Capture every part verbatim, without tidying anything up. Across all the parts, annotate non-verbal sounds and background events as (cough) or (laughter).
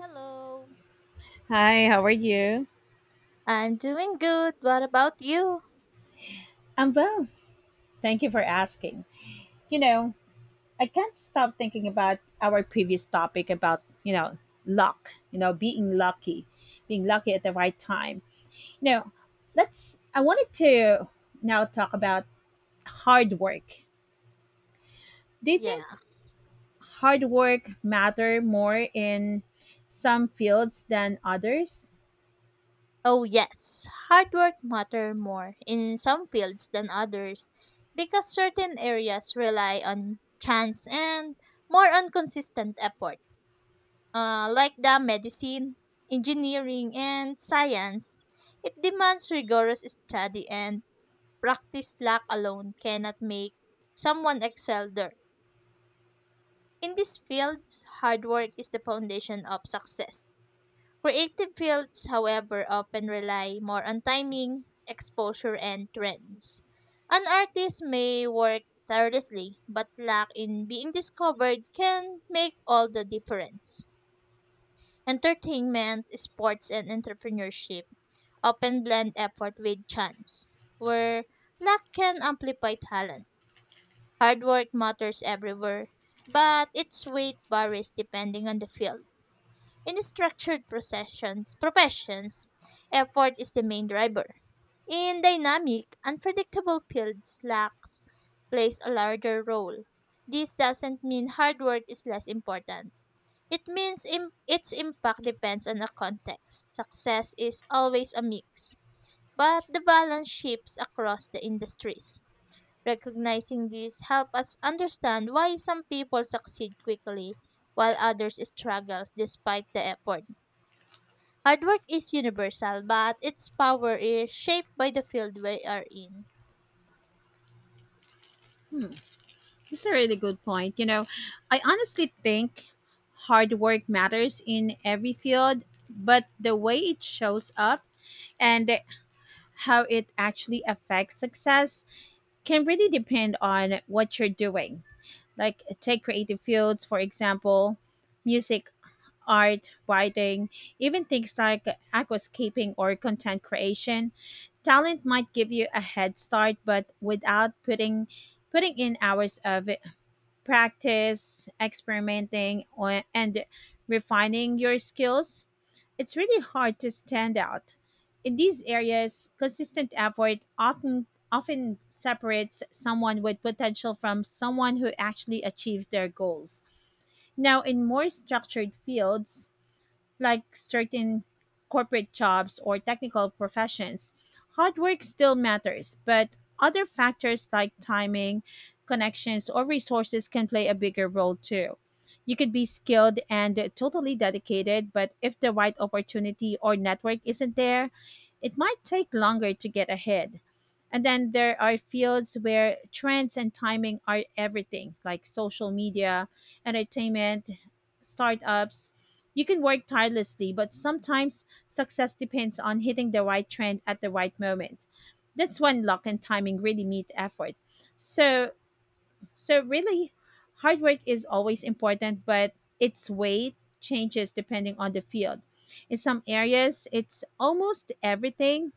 Hello. Hi, how are you? I'm doing good. What about you? I'm well. Thank you for asking. You know, I can't stop thinking about our previous topic about, you know, luck, you know, being lucky, being lucky at the right time. You know, let's, I wanted to now talk about hard work. Do you Yeah. think hard work matter more in some fields than others? Oh, yes. Hard work matter more in some fields than others because certain areas rely on chance and more on consistent effort. Uh, like the medicine, engineering, and science. It demands rigorous study and practice luck alone cannot make someone excel there. In these fields, hard work is the foundation of success. Creative fields, however, often rely more on timing, exposure, and trends. An artist may work tirelessly, but luck in being discovered can make all the difference. Entertainment, sports, and entrepreneurship often blend effort with chance, where luck can amplify talent. Hard work matters everywhere, but its weight varies depending on the field. In structured processions, professions, effort is the main driver. In dynamic, unpredictable fields, luck plays a larger role. This doesn't mean hard work is less important. It means im- its impact depends on the context. Success is always a mix, but the balance shifts across the industries. Recognizing this helps us understand why some people succeed quickly while others struggle despite the effort. Hard work is universal, but its power is shaped by the field we are in. Hmm. It's a really good point. You know, I honestly think hard work matters in every field, but the way it shows up and how it actually affects success can really depend on what you're doing. Like, take creative fields, for example, music, art, writing, even things like aquascaping or content creation. Talent might give you a head start, but without putting putting in hours of practice, experimenting, o- and refining your skills, it's really hard to stand out. In these areas, consistent effort often often separates someone with potential from someone who actually achieves their goals. Now, in more structured fields, like certain corporate jobs or technical professions. Hard work still matters, but other factors like timing, connections, or resources can play a bigger role too. You could be skilled and totally dedicated, but if the right opportunity or network isn't there, it might take longer to get ahead. And then there are fields where trends and timing are everything, like social media, entertainment, startups, you can work tirelessly, but sometimes success depends on hitting the right trend at the right moment. That's when luck and timing really meet effort. So, so really, hard work is always important, but its weight changes depending on the field. In some areas, it's almost everything.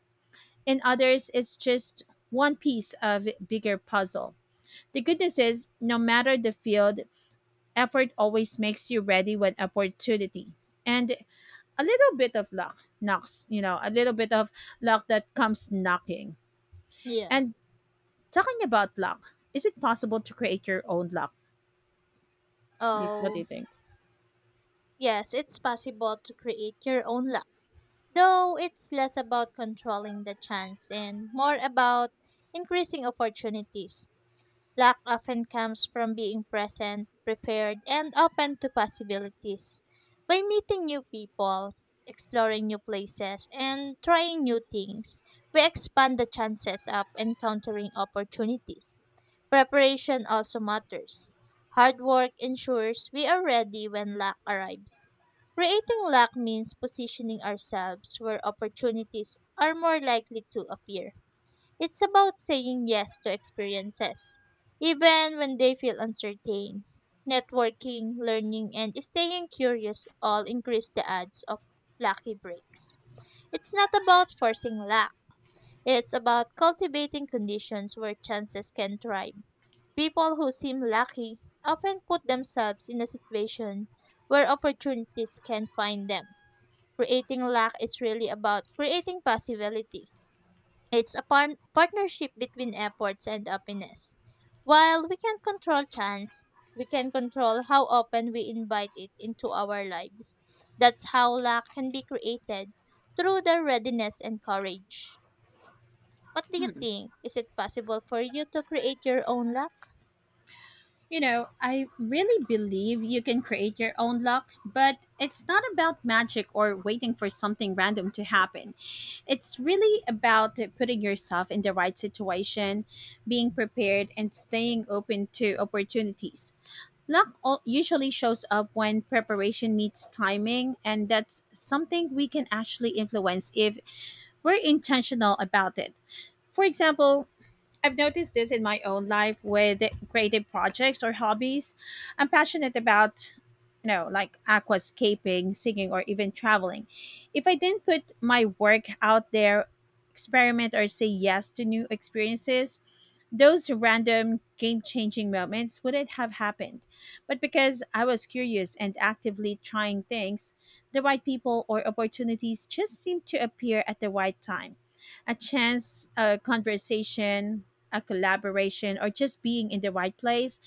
In others, it's just one piece of bigger puzzle. The good news is, no matter the field, effort always makes you ready when opportunity. And a little bit of luck knocks, you know, a little bit of luck that comes knocking. Yeah. And talking about luck, is it possible to create your own luck? Do- What do Oh, you think? yes, it's possible to create your own luck. Though it's less about controlling the chance and more about increasing opportunities. Luck often comes from being present, prepared, and open to possibilities. By meeting new people, exploring new places, and trying new things, we expand the chances of encountering opportunities. Preparation also matters. Hard work ensures we are ready when luck arrives. Creating luck means positioning ourselves where opportunities are more likely to appear. It's about saying yes to experiences, even when they feel uncertain. Networking, learning, and staying curious all increase the odds of lucky breaks. It's not about forcing luck, it's about cultivating conditions where chances can thrive. People who seem lucky often put themselves in a situation where opportunities can find them. Creating luck is really about creating possibility. It's a par- partnership between efforts and happiness. While we can control chance, we can control how often we invite it into our lives. That's how luck can be created through the readiness and courage. What do you think? Is it possible for you to create your own luck? you know, I really believe you can create your own luck, but it's not about magic or waiting for something random to happen. It's really about putting yourself in the right situation, being prepared, and staying open to opportunities. Luck al- usually shows up when preparation meets timing, and that's something we can actually influence if we're intentional about it. For example, I've noticed this in my own life with creative projects or hobbies. I'm passionate about, you know, like aquascaping, singing, or even traveling. If I didn't put my work out there, experiment, or say yes to new experiences, those random game changing moments wouldn't have happened. But because I was curious and actively trying things, the right people or opportunities just seemed to appear at the right time. A chance, a conversation, a collaboration, or just being in the right place.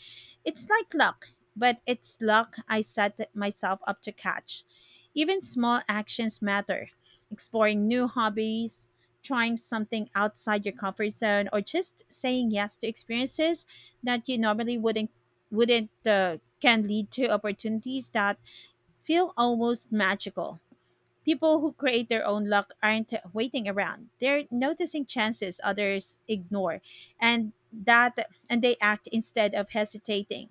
It's like luck, but it's luck I set myself up to catch. Even small actions matter, exploring new hobbies, trying something outside your comfort zone or just saying yes to experiences that you normally wouldn't wouldn't uh, can lead to opportunities that feel almost magical. People who create their own luck aren't waiting around, they're noticing chances others ignore, and that and they act instead of hesitating.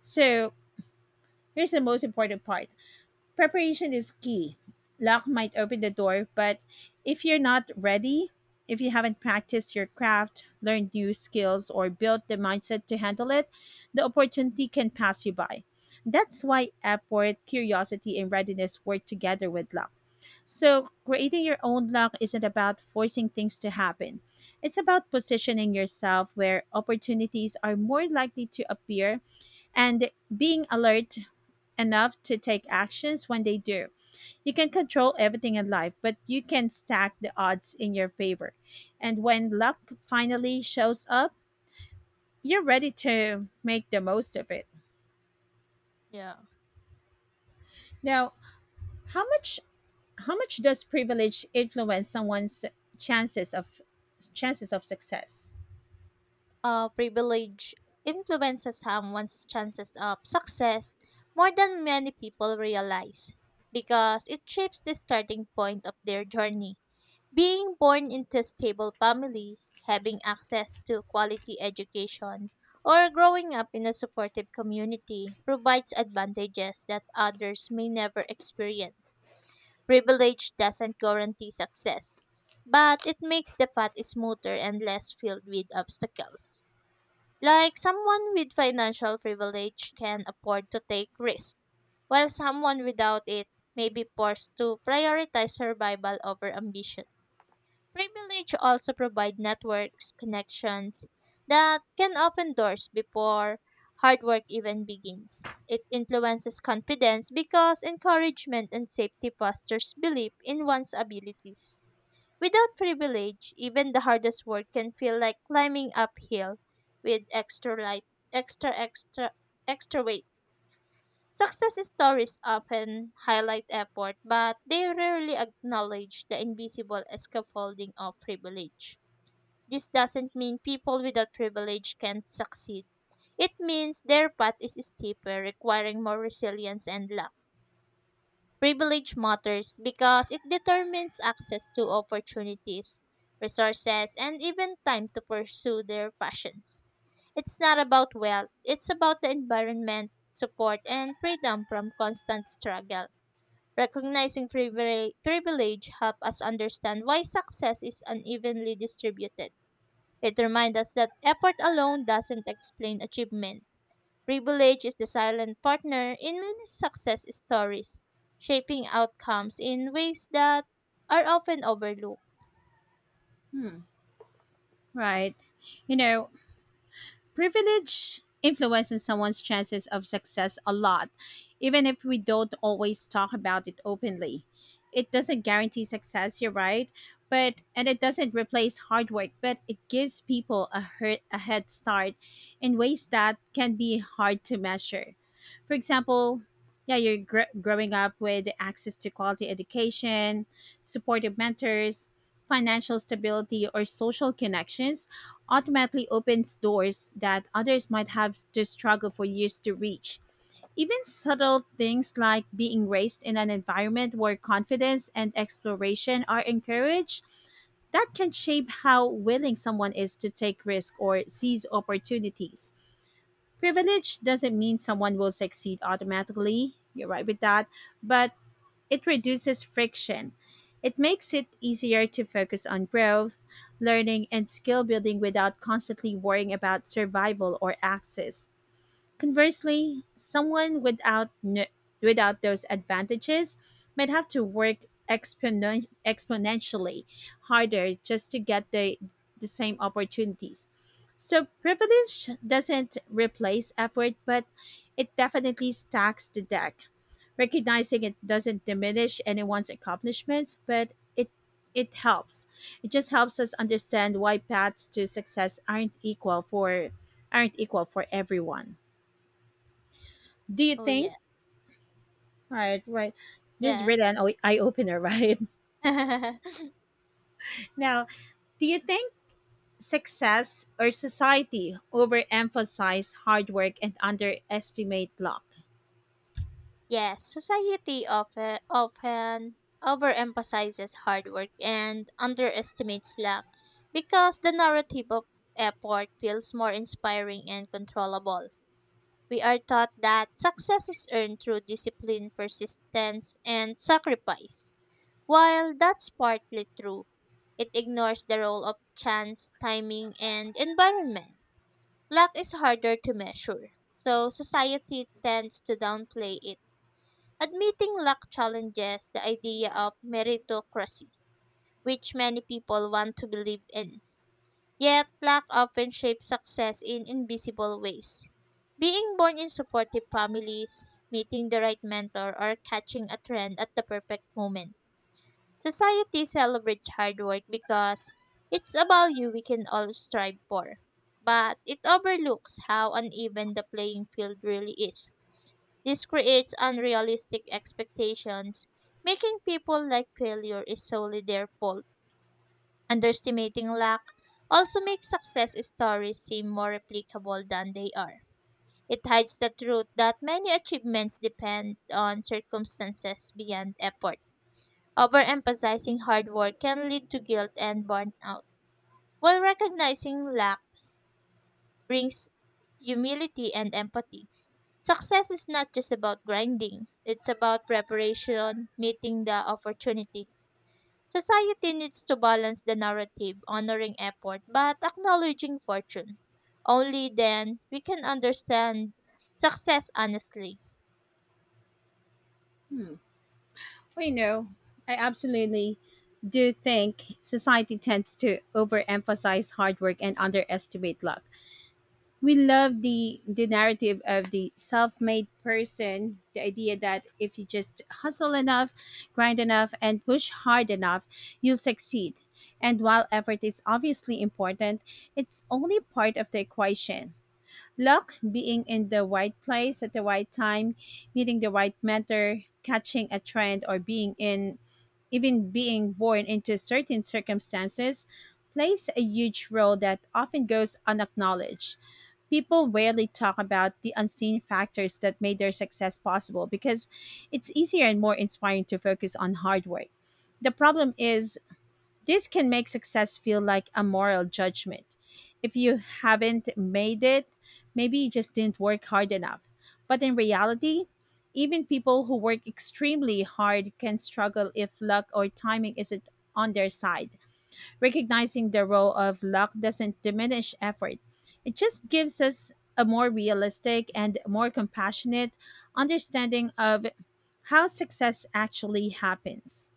So here's the most important part. Preparation is key. Luck might open the door, but if you're not ready, if you haven't practiced your craft, learned new skills, or built the mindset to handle it, the opportunity can pass you by. That's why effort, curiosity, and readiness work together with luck. So, creating your own luck isn't about forcing things to happen. It's about positioning yourself where opportunities are more likely to appear and being alert enough to take actions when they do. You can control everything in life, but you can stack the odds in your favor. And when luck finally shows up, you're ready to make the most of it. Yeah. Now, how much how much does privilege influence someone's chances of chances of success? Uh, privilege influences someone's chances of success more than many people realize because it shapes the starting point of their journey. Being born into a stable family, having access to quality education, or growing up in a supportive community provides advantages that others may never experience. Privilege doesn't guarantee success, but it makes the path smoother and less filled with obstacles. Like someone with financial privilege can afford to take risks, while someone without it may be forced to prioritize survival over ambition. Privilege also provide networks, connections that can open doors before hard work even begins. It influences confidence because encouragement and safety fosters belief in one's abilities. Without privilege, even the hardest work can feel like climbing uphill with extra light, extra extra extra weight. Success stories often highlight effort, but they rarely acknowledge the invisible scaffolding of privilege. This doesn't mean people without privilege can't succeed. It means their path is steeper, requiring more resilience and luck. Privilege matters because it determines access to opportunities, resources, and even time to pursue their passions. It's not about wealth, it's about the environment, support, and freedom from constant struggle. Recognizing privile- privilege helps us understand why success is unevenly distributed. It reminds us that effort alone doesn't explain achievement. Privilege is the silent partner in many success stories, shaping outcomes in ways that are often overlooked. Hmm. Right. You know, Privilege influences someone's chances of success a lot, even if we don't always talk about it openly. It doesn't guarantee success, you're right, but and it doesn't replace hard work, but it gives people a hurt, a head start in ways that can be hard to measure. For example, yeah, you're gr- growing up with access to quality education, supportive mentors, financial stability, or social connections automatically opens doors that others might have to struggle for years to reach. Even subtle things like being raised in an environment where confidence and exploration are encouraged, that can shape how willing someone is to take risks or seize opportunities. Privilege doesn't mean someone will succeed automatically. You're right with that. But it reduces friction. It makes it easier to focus on growth, learning, and skill building without constantly worrying about survival or access. Conversely, someone without n- without those advantages might have to work exponen- exponentially harder just to get the the same opportunities. So privilege doesn't replace effort, but it definitely stacks the deck. Recognizing it doesn't diminish anyone's accomplishments, but it it helps. It just helps us understand why paths to success aren't equal for aren't equal for everyone. Do you Oh think, yeah. right right this is really Yes. an o- eye-opener, (laughs) right? (laughs) Now, do you think success or society overemphasize hard work and underestimate luck? Yes, society often often overemphasizes hard work and underestimates luck because the narrative of effort feels more inspiring and controllable. We are taught that success is earned through discipline, persistence, and sacrifice. While that's partly true, it ignores the role of chance, timing, and environment. Luck is harder to measure, so society tends to downplay it. Admitting luck challenges the idea of meritocracy, which many people want to believe in. Yet, luck often shapes success in invisible ways. Being born in supportive families, meeting the right mentor, or catching a trend at the perfect moment. Society celebrates hard work because it's a value we can all strive for. But it overlooks how uneven the playing field really is. This creates unrealistic expectations, making people like failure is solely their fault. Underestimating luck also makes success stories seem more replicable than they are. It hides the truth that many achievements depend on circumstances beyond effort. Overemphasizing hard work can lead to guilt and burnout, while recognizing luck brings humility and empathy. Success is not just about grinding, it's about preparation, meeting the opportunity. Society needs to balance the narrative, honoring effort but acknowledging fortune. Only then we can understand success honestly. Well, you know, I absolutely do think society tends to overemphasize hard work and underestimate luck. We love the the narrative of the self-made person, the idea that if you just hustle enough, grind enough and push hard enough, you'll succeed. And while effort is obviously important, it's only part of the equation. Luck, being in the right place at the right time, meeting the right mentor, catching a trend, or being in even being born into certain circumstances, plays a huge role that often goes unacknowledged. People rarely talk about the unseen factors that made their success possible because it's easier and more inspiring to focus on hard work. The problem is this can make success feel like a moral judgment. If you haven't made it, maybe you just didn't work hard enough. But in reality, even people who work extremely hard can struggle if luck or timing isn't on their side. Recognizing the role of luck doesn't diminish effort, it just gives us a more realistic and more compassionate understanding of how success actually happens.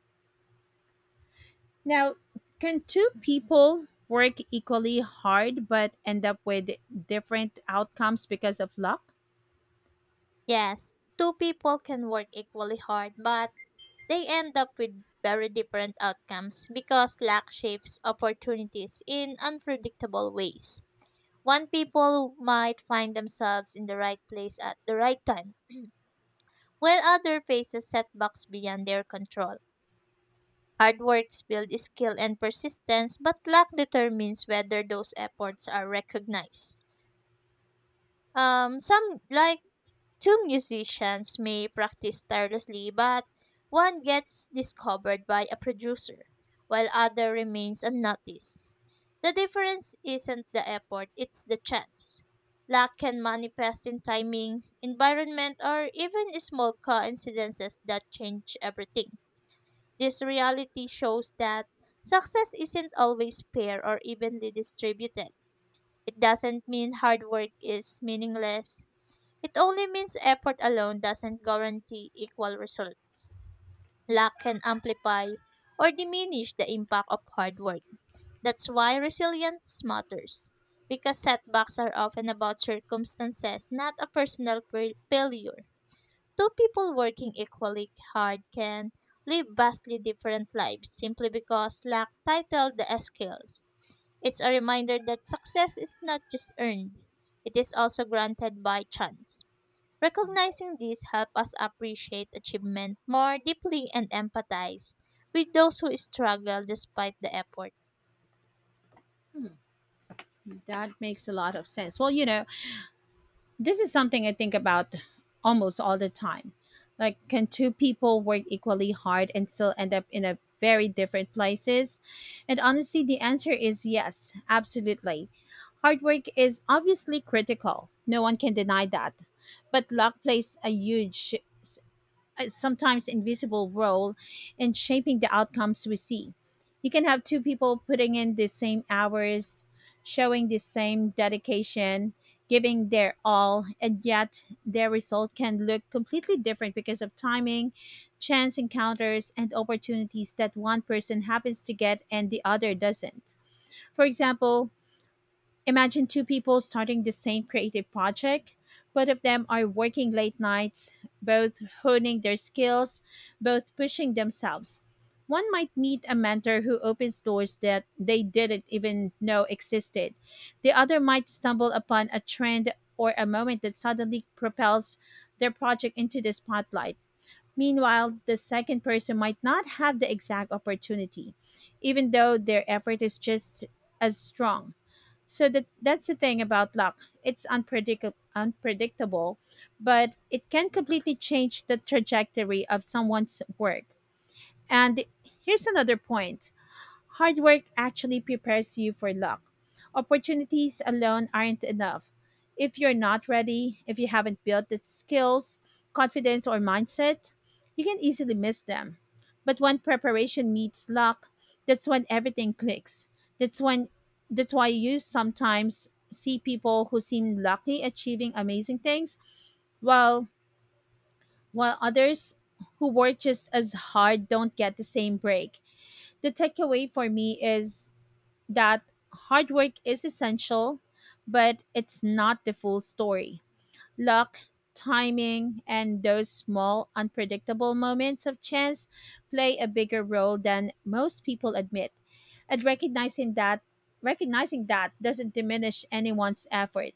Now, can two people work equally hard but end up with different outcomes because of luck? Yes, two people can work equally hard, but they end up with very different outcomes because luck shapes opportunities in unpredictable ways. One people might find themselves in the right place at the right time, while other faces setbacks beyond their control. Hard works build skill and persistence, but luck determines whether those efforts are recognized. Um, some, like two musicians, may practice tirelessly, but one gets discovered by a producer, while other remains unnoticed. The difference isn't the effort, it's the chance. Luck can manifest in timing, environment, or even small coincidences that change everything. This reality shows that success isn't always fair or evenly distributed. It doesn't mean hard work is meaningless. It only means effort alone doesn't guarantee equal results. Luck can amplify or diminish the impact of hard work. That's why resilience matters. Because setbacks are often about circumstances, not a personal fa- failure. Two people working equally hard can live vastly different lives simply because lack title the skills. It's a reminder that success is not just earned, it is also granted by chance. Recognizing this helps us appreciate achievement more deeply and empathize with those who struggle despite the effort. That makes a lot of sense. Well, you know, this is something I think about almost all the time. Like, can two people work equally hard and still end up in a very different places? And honestly, the answer is yes, absolutely. Hard work is obviously critical. No one can deny that. But luck plays a huge, uh, sometimes invisible role in shaping the outcomes we see. You can have two people putting in the same hours, showing the same dedication, giving their all, and yet their result can look completely different because of timing, chance encounters, and opportunities that one person happens to get and the other doesn't. For example, imagine two people starting the same creative project. Both of them are working late nights, both honing their skills, both pushing themselves. One might meet a mentor who opens doors that they didn't even know existed. The other might stumble upon a trend or a moment that suddenly propels their project into the spotlight. Meanwhile, the second person might not have the exact opportunity, even though their effort is just as strong. So that that's the thing about luck. It's unpredict unpredictable, but it can completely change the trajectory of someone's work. And here's another point. Hard work actually prepares you for luck. Opportunities alone aren't enough. If you're not ready, if you haven't built the skills, confidence, or mindset, you can easily miss them. But when preparation meets luck, that's when everything clicks. That's when that's why you sometimes see people who seem lucky achieving amazing things while while others who work just as hard don't get the same break. The takeaway for me is that hard work is essential, but it's not the full story. Luck, timing, and those small, unpredictable moments of chance play a bigger role than most people admit. And recognizing that recognizing that doesn't diminish anyone's effort.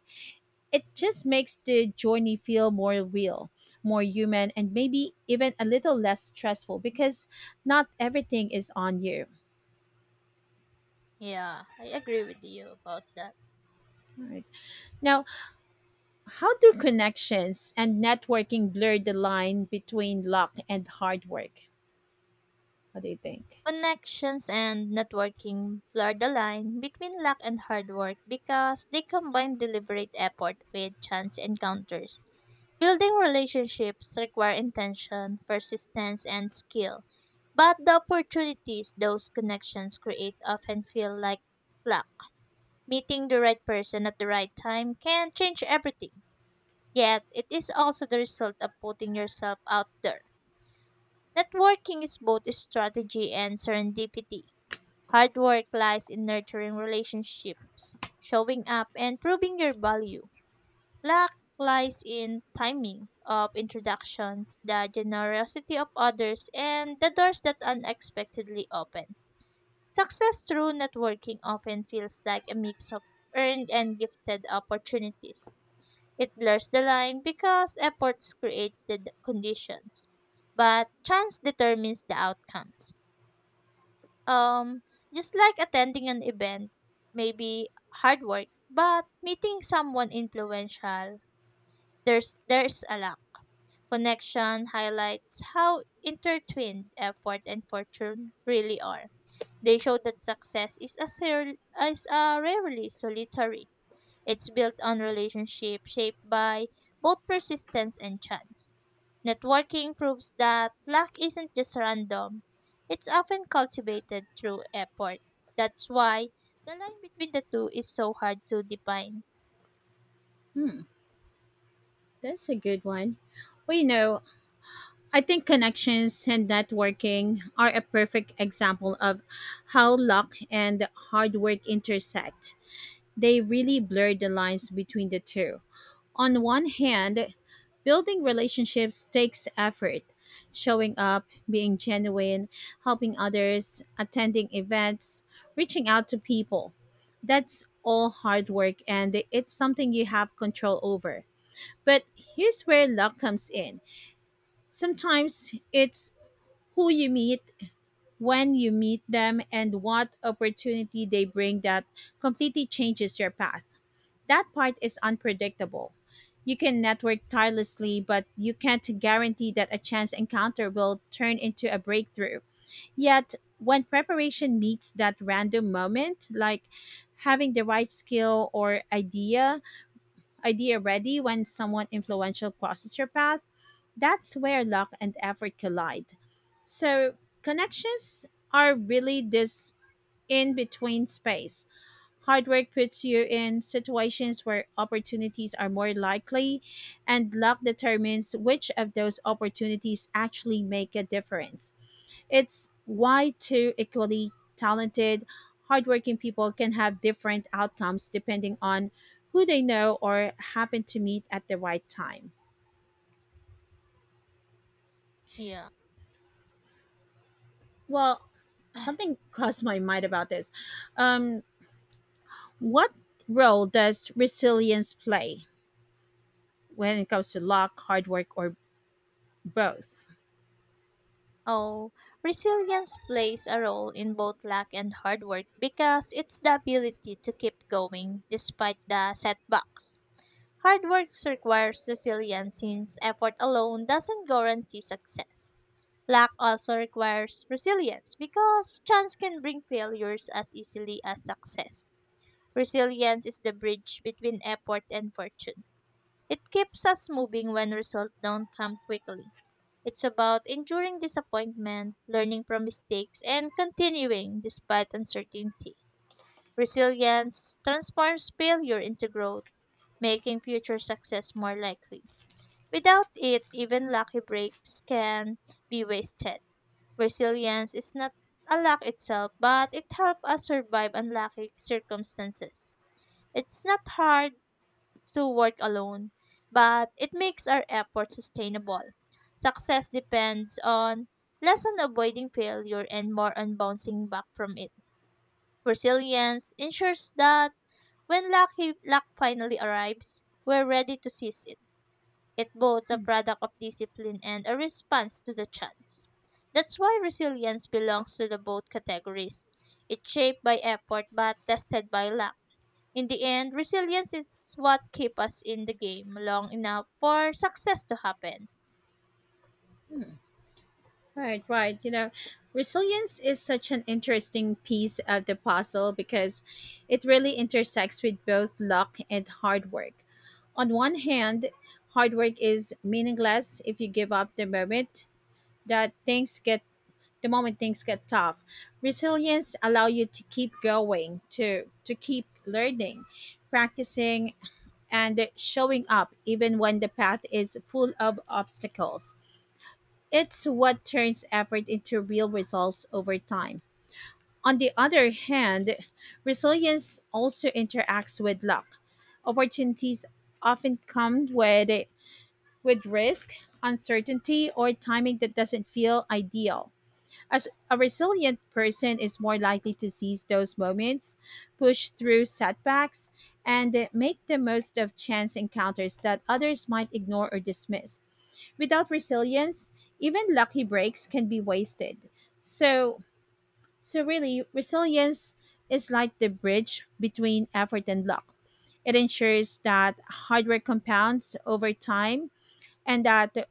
It just makes the journey feel more real, more human, and maybe even a little less stressful because not everything is on you. Yeah, I agree with you about that. Right. Now, how do connections and networking blur the line between luck and hard work? What do you think? Connections and networking blur the line between luck and hard work because they combine deliberate effort with chance encounters. Building relationships require intention, persistence, and skill, but the opportunities those connections create often feel like luck. Meeting the right person at the right time can change everything, yet, it is also the result of putting yourself out there. Networking is both strategy and serendipity. Hard work lies in nurturing relationships, showing up, and proving your value. Luck lies in timing of introductions, the generosity of others, and the doors that unexpectedly open. Success through networking often feels like a mix of earned and gifted opportunities. It blurs the line because efforts creates the d- conditions, but chance determines the outcomes. Um, just like attending an event, maybe hard work, but meeting someone influential, there's there's a lot. Connection highlights how intertwined effort and fortune really are. They show that success is a ser- is a rarely solitary. It's built on relationship shaped by both persistence and chance. Networking proves that luck isn't just random, it's often cultivated through effort. That's why the line between the two is so hard to define. Hmm, that's a good one. Well, you know, I think connections and networking are a perfect example of how luck and hard work intersect. They really blur the lines between the two. On one hand, building relationships takes effort. Showing up, being genuine, helping others, attending events, reaching out to people. That's all hard work, and it's something you have control over. But here's where luck comes in. Sometimes it's who you meet, when you meet them, and what opportunity they bring that completely changes your path. That part is unpredictable. You can network tirelessly, but you can't guarantee that a chance encounter will turn into a breakthrough. Yet, when preparation meets that random moment, like having the right skill or idea, idea ready when someone influential crosses your path, that's where luck and effort collide. So, connections are really this in between space. Hard work puts you in situations where opportunities are more likely, and luck determines which of those opportunities actually make a difference. It's why two equally talented, hardworking people can have different outcomes depending on who they know or happen to meet at the right time. Yeah. Well, something (laughs) crossed my mind about this. Um, what role does resilience play when it comes to luck, hard work, or both? Oh, resilience plays a role in both luck and hard work because it's the ability to keep going despite the setbacks. Hard work requires resilience since effort alone doesn't guarantee success. Luck also requires resilience because chance can bring failures as easily as success. Resilience is the bridge between effort and fortune. It keeps us moving when results don't come quickly. It's about enduring disappointment, learning from mistakes, and continuing despite uncertainty. Resilience transforms failure into growth, making future success more likely. Without it, even lucky breaks can be wasted. Resilience is not a luck itself, but it helps us survive unlucky circumstances. It's not hard to work alone, but it makes our effort sustainable. Success depends on less on avoiding failure and more on bouncing back from it. Resilience ensures that when lucky luck finally arrives, we're ready to seize it. It both a product of discipline and a response to the chance. That's why resilience belongs to the both categories. It's shaped by effort but tested by luck. In the end, resilience is what keeps us in the game long enough for success to happen. Right, right. You know, resilience is such an interesting piece of the puzzle because it really intersects with both luck and hard work. On one hand, hard work is meaningless if you give up the moment that things get the moment things get tough. Resilience allow you to keep going, to to keep learning, practicing, and showing up even when the path is full of obstacles. It's what turns effort into real results over time. On the other hand, resilience also interacts with luck. Opportunities often come with, with risk, uncertainty, or timing that doesn't feel ideal. As a resilient person is more likely to seize those moments, push through setbacks, and make the most of chance encounters that others might ignore or dismiss. Without resilience, even lucky breaks can be wasted. So, so really, resilience is like the bridge between effort and luck. It ensures that hard work compounds over time, and that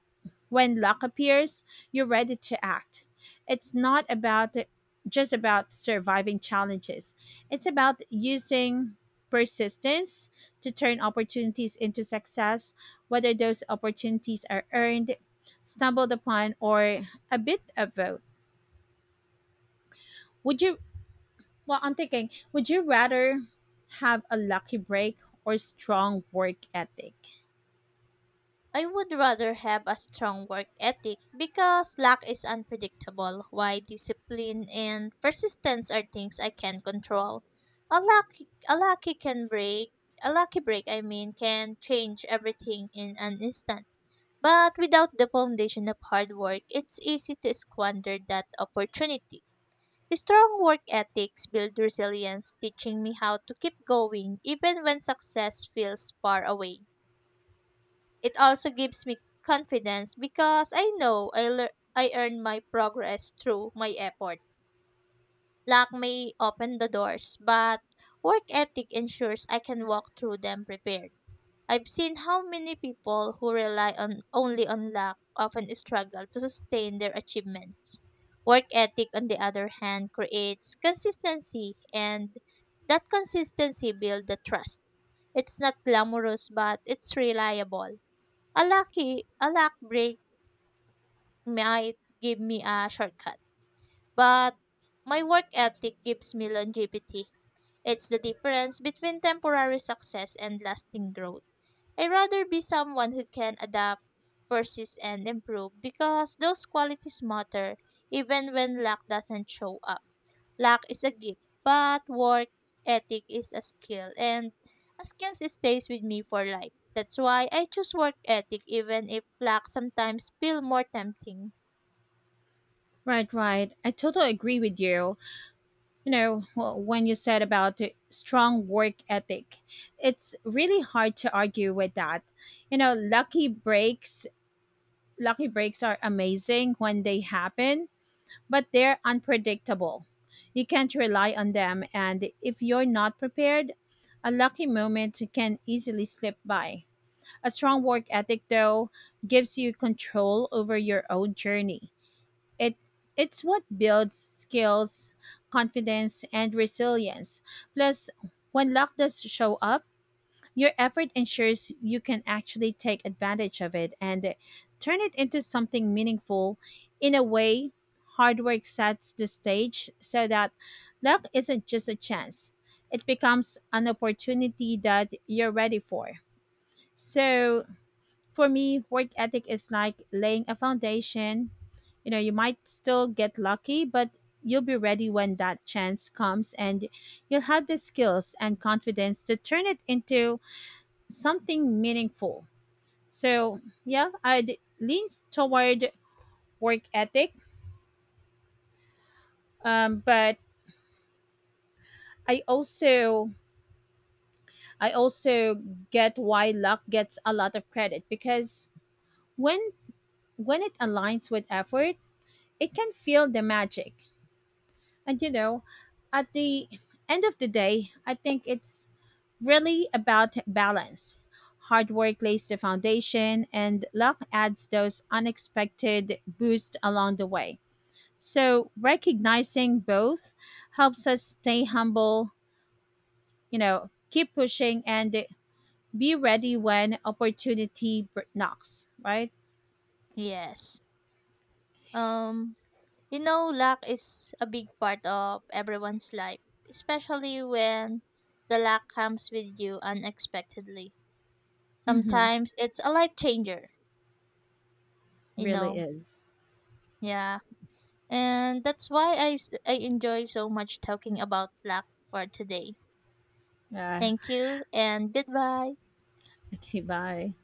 when luck appears, you're ready to act. It's not about just about surviving challenges. It's about using persistence to turn opportunities into success, whether those opportunities are earned, stumbled upon, or a bit of both. Would you well I'm thinking, would you rather have a lucky break or strong work ethic? I would rather have a strong work ethic because luck is unpredictable, while discipline and persistence are things I can control. A lucky, a lucky can break, a lucky break, I mean, can change everything in an instant. But without the foundation of hard work, it's easy to squander that opportunity. Strong work ethics build resilience, teaching me how to keep going even when success feels far away. It also gives me confidence because I know I lear- I earn my progress through my effort. Luck may open the doors, but work ethic ensures I can walk through them prepared. I've seen how many people who rely on only on luck often struggle to sustain their achievements. Work ethic, on the other hand, creates consistency, and that consistency builds the trust. It's not glamorous, but it's reliable. A lucky a luck break might give me a shortcut, but my work ethic gives me longevity. It's the difference between temporary success and lasting growth. I'd rather be someone who can adapt, persist, and improve because those qualities matter even when luck doesn't show up. Luck is a gift, but work ethic is a skill, and a skill stays with me for life. That's why I choose work ethic, even if luck sometimes feel more tempting. Right, right. I totally agree with you. You know, wh- when you said about the strong work ethic, it's really hard to argue with that. You know, lucky breaks, lucky breaks are amazing when they happen, but they're unpredictable. You can't rely on them, and if you're not prepared, a lucky moment can easily slip by. A strong work ethic, though, gives you control over your own journey. It it's what builds skills, confidence, and resilience. Plus, when luck does show up, your effort ensures you can actually take advantage of it and turn it into something meaningful. In a way, hard work sets the stage so that luck isn't just a chance. It becomes an opportunity that you're ready for. So, for me, work ethic is like laying a foundation. You know, you might still get lucky, but you'll be ready when that chance comes, and you'll have the skills and confidence to turn it into something meaningful. So, yeah, I'd lean toward work ethic, um, but I also I also get why luck gets a lot of credit because when when it aligns with effort, it can feel the magic. And you know, at the end of the day, I think it's really about balance. Hard work lays the foundation, and luck adds those unexpected boosts along the way. So, recognizing both helps us stay humble, you know, keep pushing, and be ready when opportunity br- knocks, right? Yes. Um, you know, luck is a big part of everyone's life, especially when the luck comes with you unexpectedly. Mm-hmm. Sometimes it's a life changer, you Really know. is. Yeah. And that's why I, s- I enjoy so much talking about luck for today. Yeah. Thank (laughs) you and goodbye. Okay, bye.